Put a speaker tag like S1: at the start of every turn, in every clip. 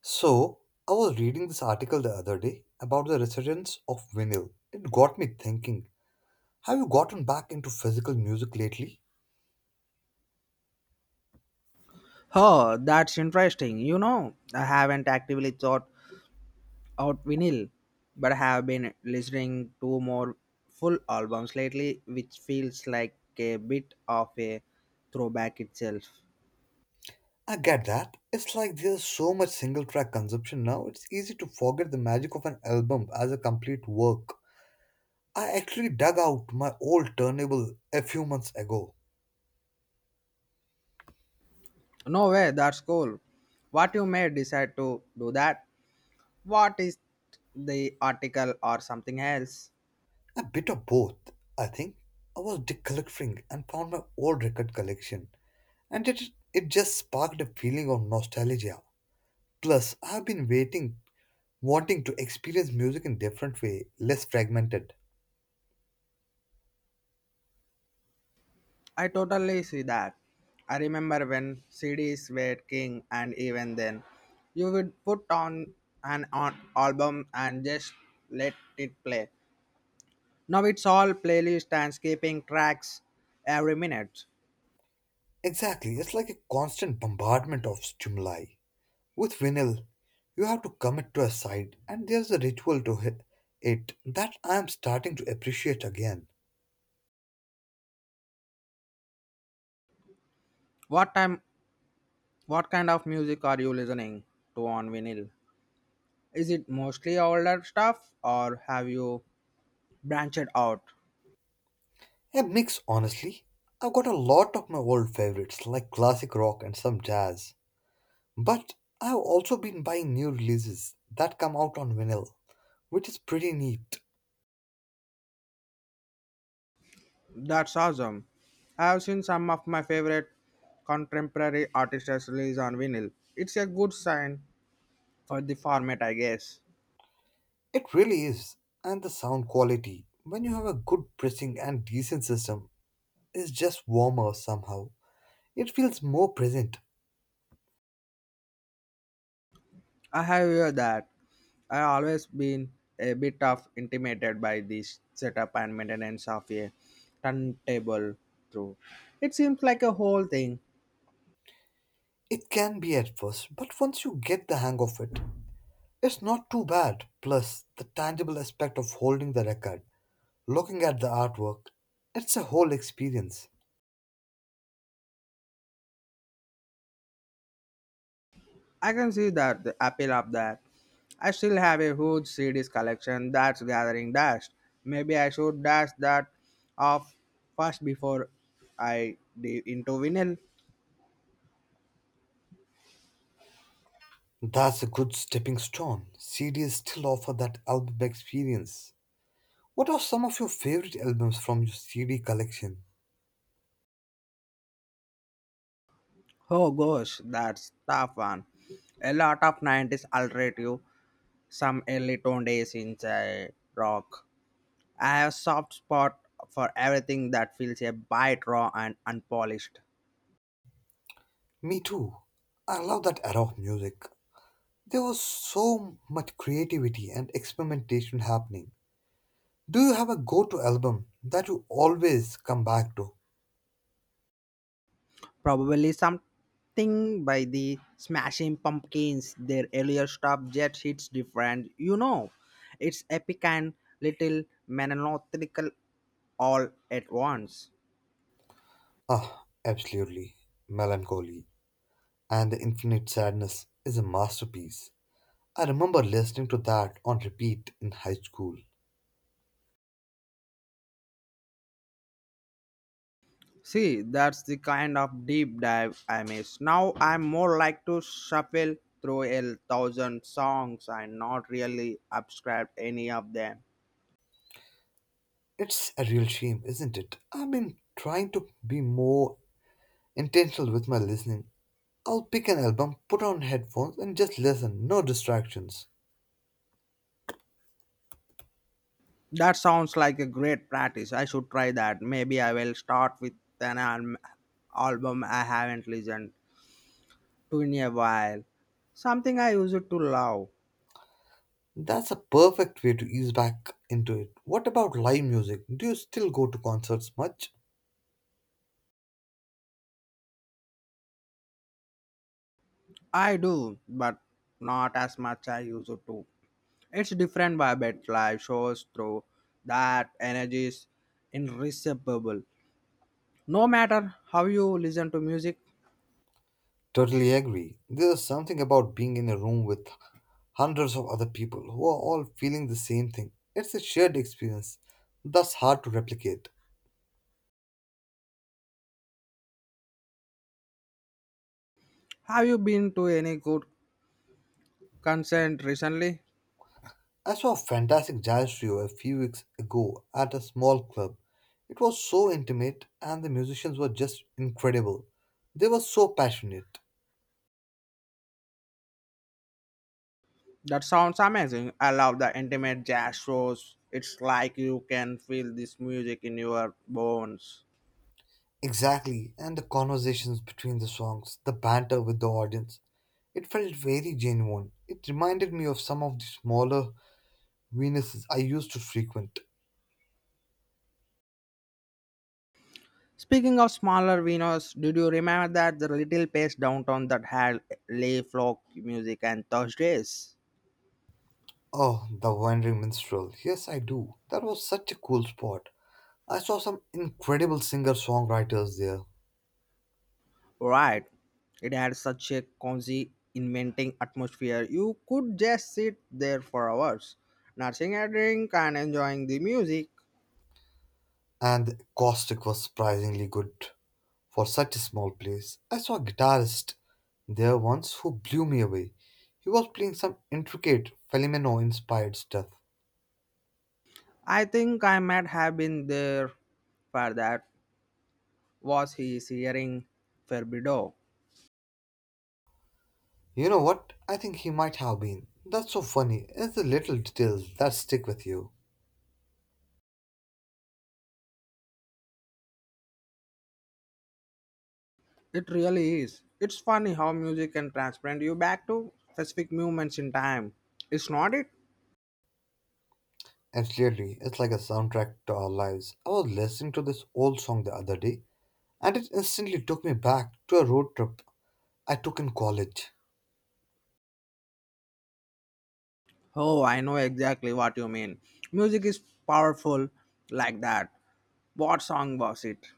S1: So, I was reading this article the other day about the resurgence of vinyl. It got me thinking, have you gotten back into physical music lately?
S2: Oh, that's interesting. You know, I haven't actively thought out vinyl, but I have been listening to more full albums lately, which feels like a bit of a throwback itself.
S1: I get that. It's like there's so much single track consumption now, it's easy to forget the magic of an album as a complete work. I actually dug out my old turntable a few months ago.
S2: No way, that's cool. What you may decide to do that? What is the article or something else?
S1: A bit of both, I think. I was decluttering and found my old record collection, and it just sparked a feeling of nostalgia. Plus, I've been waiting wanting to experience music in different way, less fragmented.
S2: I totally see that. I remember when CDs were king, and even then, you would put on an on album and just let it play. Now it's all playlist and skipping tracks every minute.
S1: Exactly, it's like a constant bombardment of stimuli. With vinyl, you have to commit to a side, and there's a ritual to it that I am starting to appreciate again.
S2: What time? What kind of music are you listening to on vinyl? Is it mostly older stuff, or have you branched out?
S1: A mix, honestly. I've got a lot of my old favorites, like classic rock and some jazz. But I've also been buying new releases that come out on vinyl, which is pretty neat.
S2: That's awesome. I have seen some of my favorite contemporary artists release on vinyl. It's a good sign for the format, I guess.
S1: It really is. And the sound quality, when you have a good pressing and decent system, is just warmer somehow. It feels more present.
S2: I have heard that. I always been a bit of intimidated by this setup and maintenance of a turntable through. It seems like a whole thing.
S1: It can be at first, but once you get the hang of it, it's not too bad. Plus, the tangible aspect of holding the record, looking at the artwork, it's a whole experience.
S2: I can see that the appeal of that. I still have a huge CDs collection that's gathering dust. Maybe I should dash that off first before I dive into vinyl.
S1: That's a good stepping stone. CDs still offer that album experience. What are some of your favorite albums from your CD collection?
S2: Oh gosh, that's tough one. A lot of 90s alternative, some early tone days in rock. I have soft spot for everything that feels a bit raw and unpolished.
S1: Me too. I love that era of music. There was so much creativity and experimentation happening. Do you have a go to album that you always come back to?
S2: Probably something by the Smashing Pumpkins. Their earlier stuff just hits different. You know, it's epic and little melancholical all at once.
S1: Ah, absolutely. Melancholy and the Infinite Sadness is a masterpiece. I remember listening to that on repeat in high school.
S2: See, that's the kind of deep dive I miss. Now I'm more like to shuffle through a thousand songs and not really subscribe any of them.
S1: It's a real shame, isn't it? I've been trying to be more intentional with my listening. I'll pick an album, put on headphones, and just listen, no distractions.
S2: That sounds like a great practice. I should try that. Maybe I will start with an al- album I haven't listened to in a while. Something I used to love.
S1: That's a perfect way to ease back into it. What about live music? Do you still go to concerts much?
S2: I do, but not as much I used to. It's different vibe at live shows through that energy is irresistible. No matter how you listen to music,
S1: Totally agree. There's something about being in a room with hundreds of other people who are all feeling the same thing. It's a shared experience that's hard to replicate.
S2: have you been to any good concert recently?
S1: I saw a fantastic jazz trio a few weeks ago at a small club. It was so intimate and the musicians were just incredible. They were so passionate.
S2: That sounds amazing. I love the intimate jazz shows. It's like you can feel this music in your bones.
S1: Exactly, and the conversations between the songs, the banter with the audience, it felt very genuine. It reminded me of some of the smaller Venuses I used to frequent.
S2: Speaking of smaller venues, did you remember that the little place downtown that had lay folk music and Thursdays?
S1: Oh, the Wandering Minstrel. Yes, I do. That was such a cool spot. I saw some incredible singer songwriters there,
S2: Right. It had such a cozy, inventing atmosphere. You could just sit there for hours, nursing a drink and enjoying the music.
S1: and the acoustic was surprisingly good for such a small place. I saw a guitarist there once who blew me away. He was playing some intricate Felimeno inspired stuff.
S2: I think I might have been there for that. Was his hearing Ferbido.
S1: You know what? I think he might have been. That's so funny. It's the little details that stick with you.
S2: It really is. It's funny how music can transplant you back to specific moments in time. It's not it?
S1: Absolutely, it's like a soundtrack to our lives. I was listening to this old song the other day, and it instantly took me back to a road trip I took in college.
S2: Oh, I know exactly what you mean. Music is powerful like that. What song was it?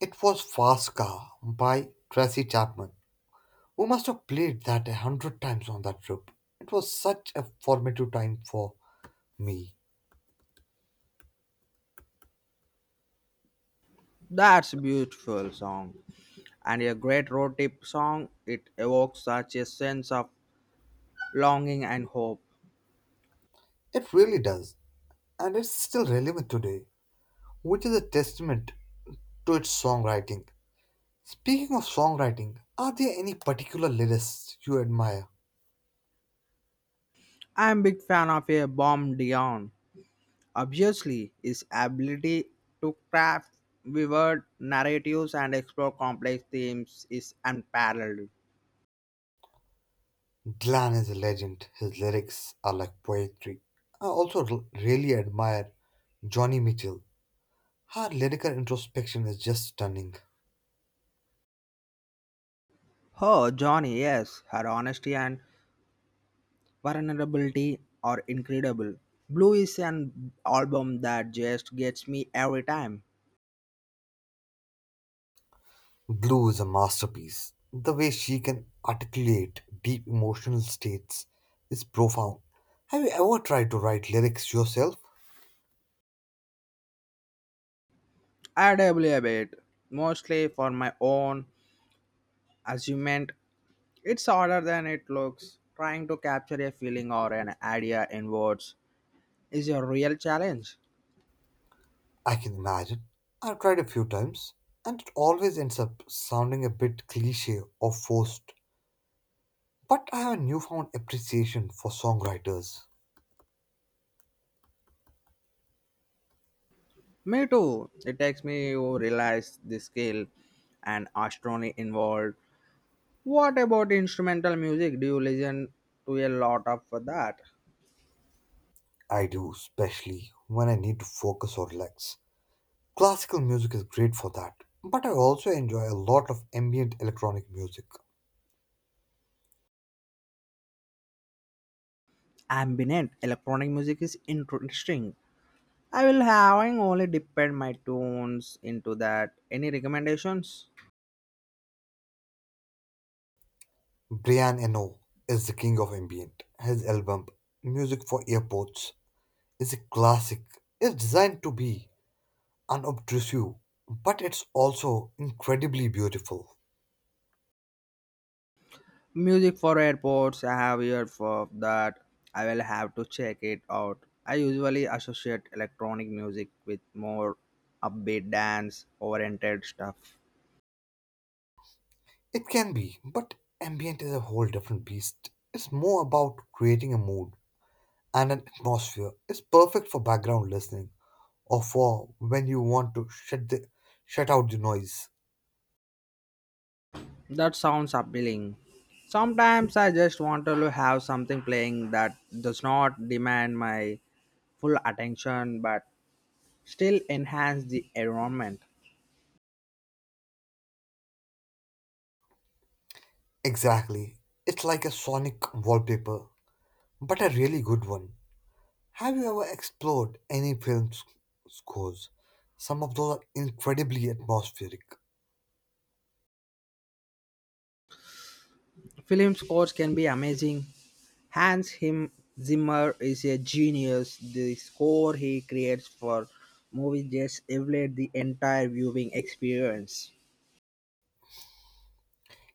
S1: It was Fast Car by Tracy Chapman. We must have played that 100 times on that trip. It was such a formative time for me.
S2: That's a beautiful song. And a great road trip song. It evokes such a sense of longing and hope.
S1: It really does, and it's still relevant today, which is a testament to its songwriting. Speaking of songwriting, are there any particular lyricists you admire?
S2: I'm a big fan of a bomb Dion. Obviously, his ability to craft vivid narratives and explore complex themes is unparalleled.
S1: Glenn is a legend. His lyrics are like poetry. I also really admire Johnny Mitchell. Her lyrical introspection is just stunning.
S2: Oh, Johnny, yes, her honesty and vulnerability are incredible. Blue is an album that just gets me every time.
S1: Blue is a masterpiece. The way she can articulate deep emotional states is profound. Have you ever tried to write lyrics yourself?
S2: I dabble a bit, mostly for my own amusement. It's harder than it looks. Trying to capture a feeling or an idea in words is a real challenge.
S1: I can imagine. I've tried a few times, and it always ends up sounding a bit cliche or forced. But I have a newfound appreciation for songwriters.
S2: Me too. It takes me to realize the scale and astronomy involved. What about instrumental music? Do you listen to a lot of that?
S1: I do, especially when I need to focus or relax. Classical music is great for that, but I also enjoy a lot of ambient electronic music.
S2: Ambient electronic music is interesting. I will having only depend my tunes into that. Any recommendations?
S1: Brian Eno is the king of ambient. His album, Music for Airports, is a classic. It's designed to be unobtrusive, but it's also incredibly beautiful.
S2: Music for airports. I have heard for that. I will have to check it out. I usually associate electronic music with more upbeat dance oriented stuff.
S1: It can be, but ambient is a whole different beast. It's more about creating a mood and an atmosphere. It's perfect for background listening or for when you want to shut out the noise.
S2: That sounds appealing. Sometimes I just want to have something playing that does not demand my full attention but still enhance the environment.
S1: Exactly. It's like a sonic wallpaper, but a really good one. Have you ever explored any film scores? Some of those are incredibly atmospheric.
S2: Film scores can be amazing. Hans Him Zimmer is a genius. The score he creates for movies just elevates the entire viewing experience.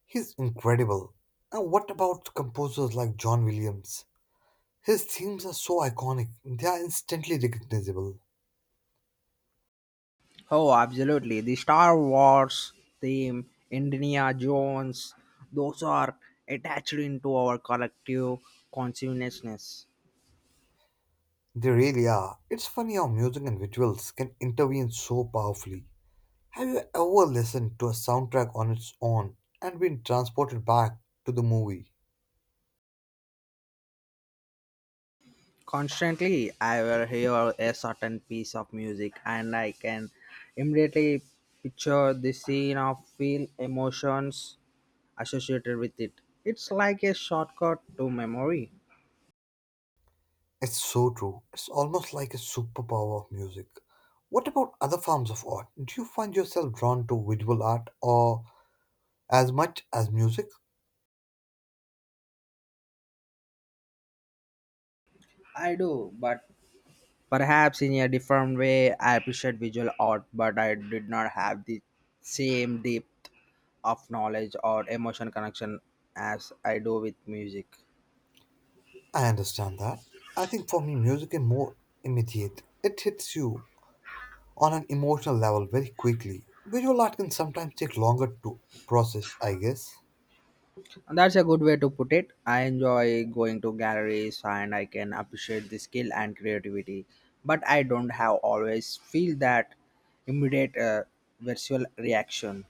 S1: He's incredible. Now, what about composers like John Williams? His themes are so iconic, they are instantly recognizable.
S2: Oh, absolutely. The Star Wars theme, Indiana Jones, those are attached into our collective consciousness.
S1: They really are. It's funny how music and visuals can intervene so powerfully. Have you ever listened to a soundtrack on its own and been transported back to the movie?
S2: Constantly, I will hear a certain piece of music and I can immediately picture the scene or feel emotions associated with it. It's like a shortcut to memory.
S1: It's so true. It's almost like a superpower of music. What about other forms of art? Do you find yourself drawn to visual art or as much as music?
S2: I do, but perhaps in a different way, I appreciate visual art, but I did not have the same depth of knowledge or emotion connection as I do with music.
S1: I understand that. I think for me, music is more immediate. It hits you on an emotional level very quickly. Visual art can sometimes take longer to process, I guess.
S2: And that's a good way to put it. I enjoy going to galleries and I can appreciate the skill and creativity, but I don't have always feel that immediate visual reaction.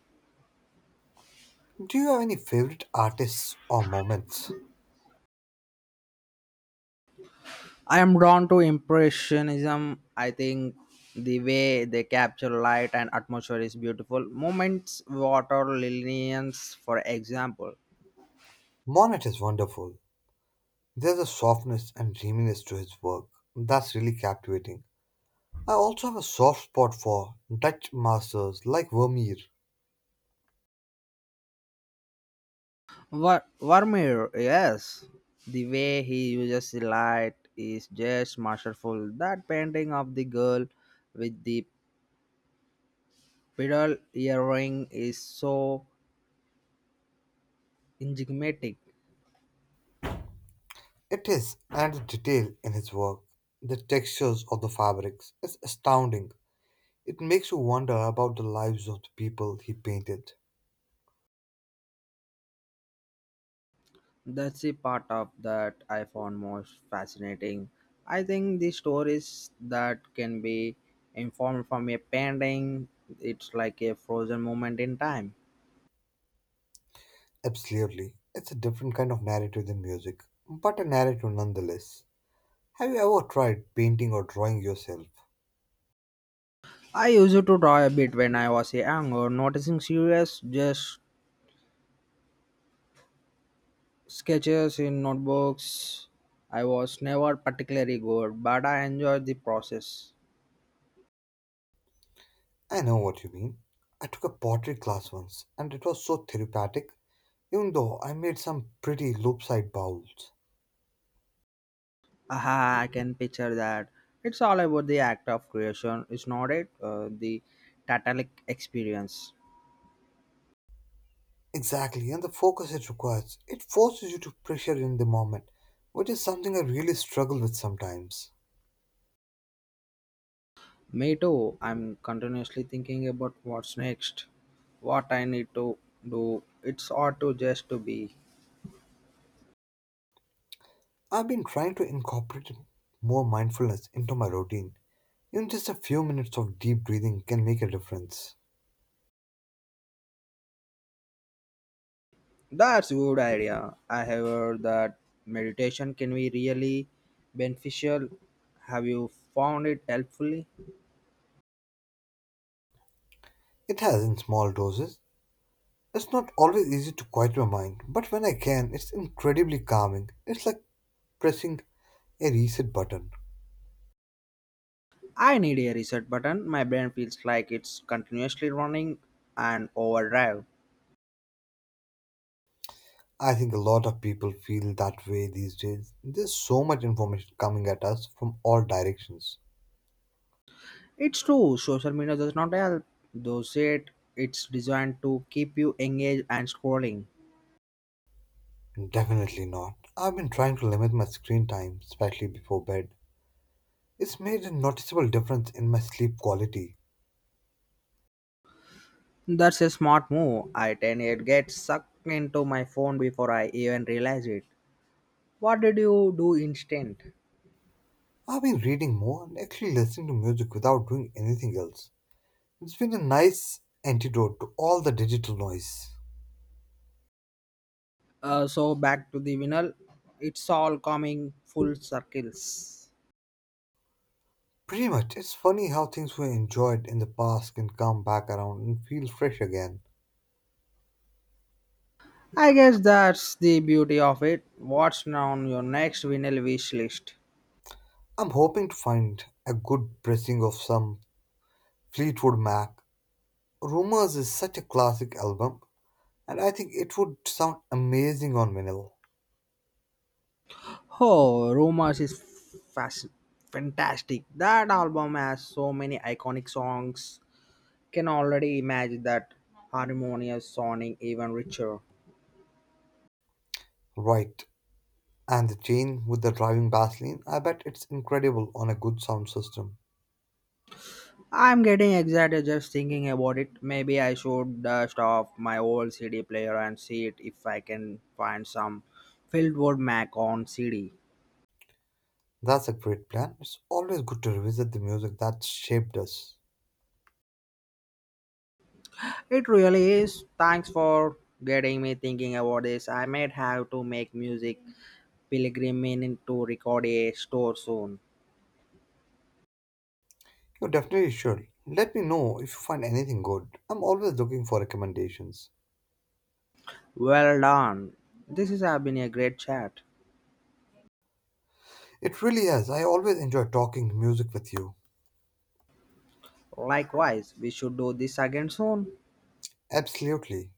S1: Do you have any favorite artists or moments?
S2: I am drawn to Impressionism. I think the way they capture light and atmosphere is beautiful. Moments, water lilies, for example.
S1: Monet is wonderful. There's a softness and dreaminess to his work that's really captivating. I also have a soft spot for Dutch masters like Vermeer.
S2: Vermeer, yes. The way he uses the light is just masterful. That painting of the girl with the pearl earring is so enigmatic.
S1: It is, and the detail in his work, the textures of the fabrics, is astounding. It makes you wonder about the lives of the people he painted.
S2: That's the part of that I found most fascinating. I think the stories that can be informed from a painting, it's like a frozen moment in time.
S1: Absolutely. It's a different kind of narrative than music, but a narrative nonetheless. Have you ever tried painting or drawing yourself?
S2: I used to draw a bit when I was younger, noticing serious just sketches in notebooks. I was never particularly good, but I enjoyed the process.
S1: I know what you mean. I took a pottery class once, and it was so therapeutic, even though I made some pretty loop-side bowls.
S2: Aha, I can picture that. It's all about the act of creation, it's not it, the totalic experience.
S1: Exactly, and the focus it requires. It forces you to pressure in the moment, which is something I really struggle with sometimes.
S2: Me too. I'm continuously thinking about what's next, what I need to do. It's ought to just to be.
S1: I've been trying to incorporate more mindfulness into my routine. Even just a few minutes of deep breathing can make a difference.
S2: That's a good idea. I have heard that meditation can be really beneficial. Have you found it helpfully?
S1: It has in small doses. It's not always easy to quiet my mind, but when I can, it's incredibly calming. It's like pressing a reset button.
S2: I need a reset button. My brain feels like it's continuously running and overdrive.
S1: I think a lot of people feel that way these days. There's so much information coming at us from all directions.
S2: It's true, social media does not help. Though it's designed to keep you engaged and scrolling.
S1: Definitely not. I've been trying to limit my screen time, especially before bed. It's made a noticeable difference in my sleep quality.
S2: That's a smart move. I tend to get sucked into my phone before I even realize it. What did you do instead?
S1: I've been reading more and actually listening to music without doing anything else. It's been a nice antidote to all the digital noise.
S2: So back to the vinyl. It's all coming full circles.
S1: Pretty much. It's funny how things we enjoyed in the past can come back around and feel fresh again.
S2: I guess that's the beauty of it. What's on your next vinyl wish list?
S1: I'm hoping to find a good pressing of some Fleetwood Mac. Rumors is such a classic album, and I think it would sound amazing on vinyl.
S2: Oh, Rumors is fas- fantastic. That album has so many iconic songs. Can already imagine that harmonious sounding even richer.
S1: Right. And the chain with the driving baseline, I bet it's incredible on a good sound system.
S2: I'm getting excited just thinking about it. Maybe I should dust off my old CD player and see it if I can find some Fieldwood Mac on CD.
S1: That's a great plan. It's always good to revisit the music that shaped us.
S2: It really is. Thanks for getting me thinking about this. I might have to make music pilgrimage to record a store soon.
S1: You definitely should. Let me know if you find anything good. I'm always looking for recommendations.
S2: Well done. This has been a great chat.
S1: It really is. I always enjoy talking music with you.
S2: Likewise, we should do this again soon.
S1: Absolutely.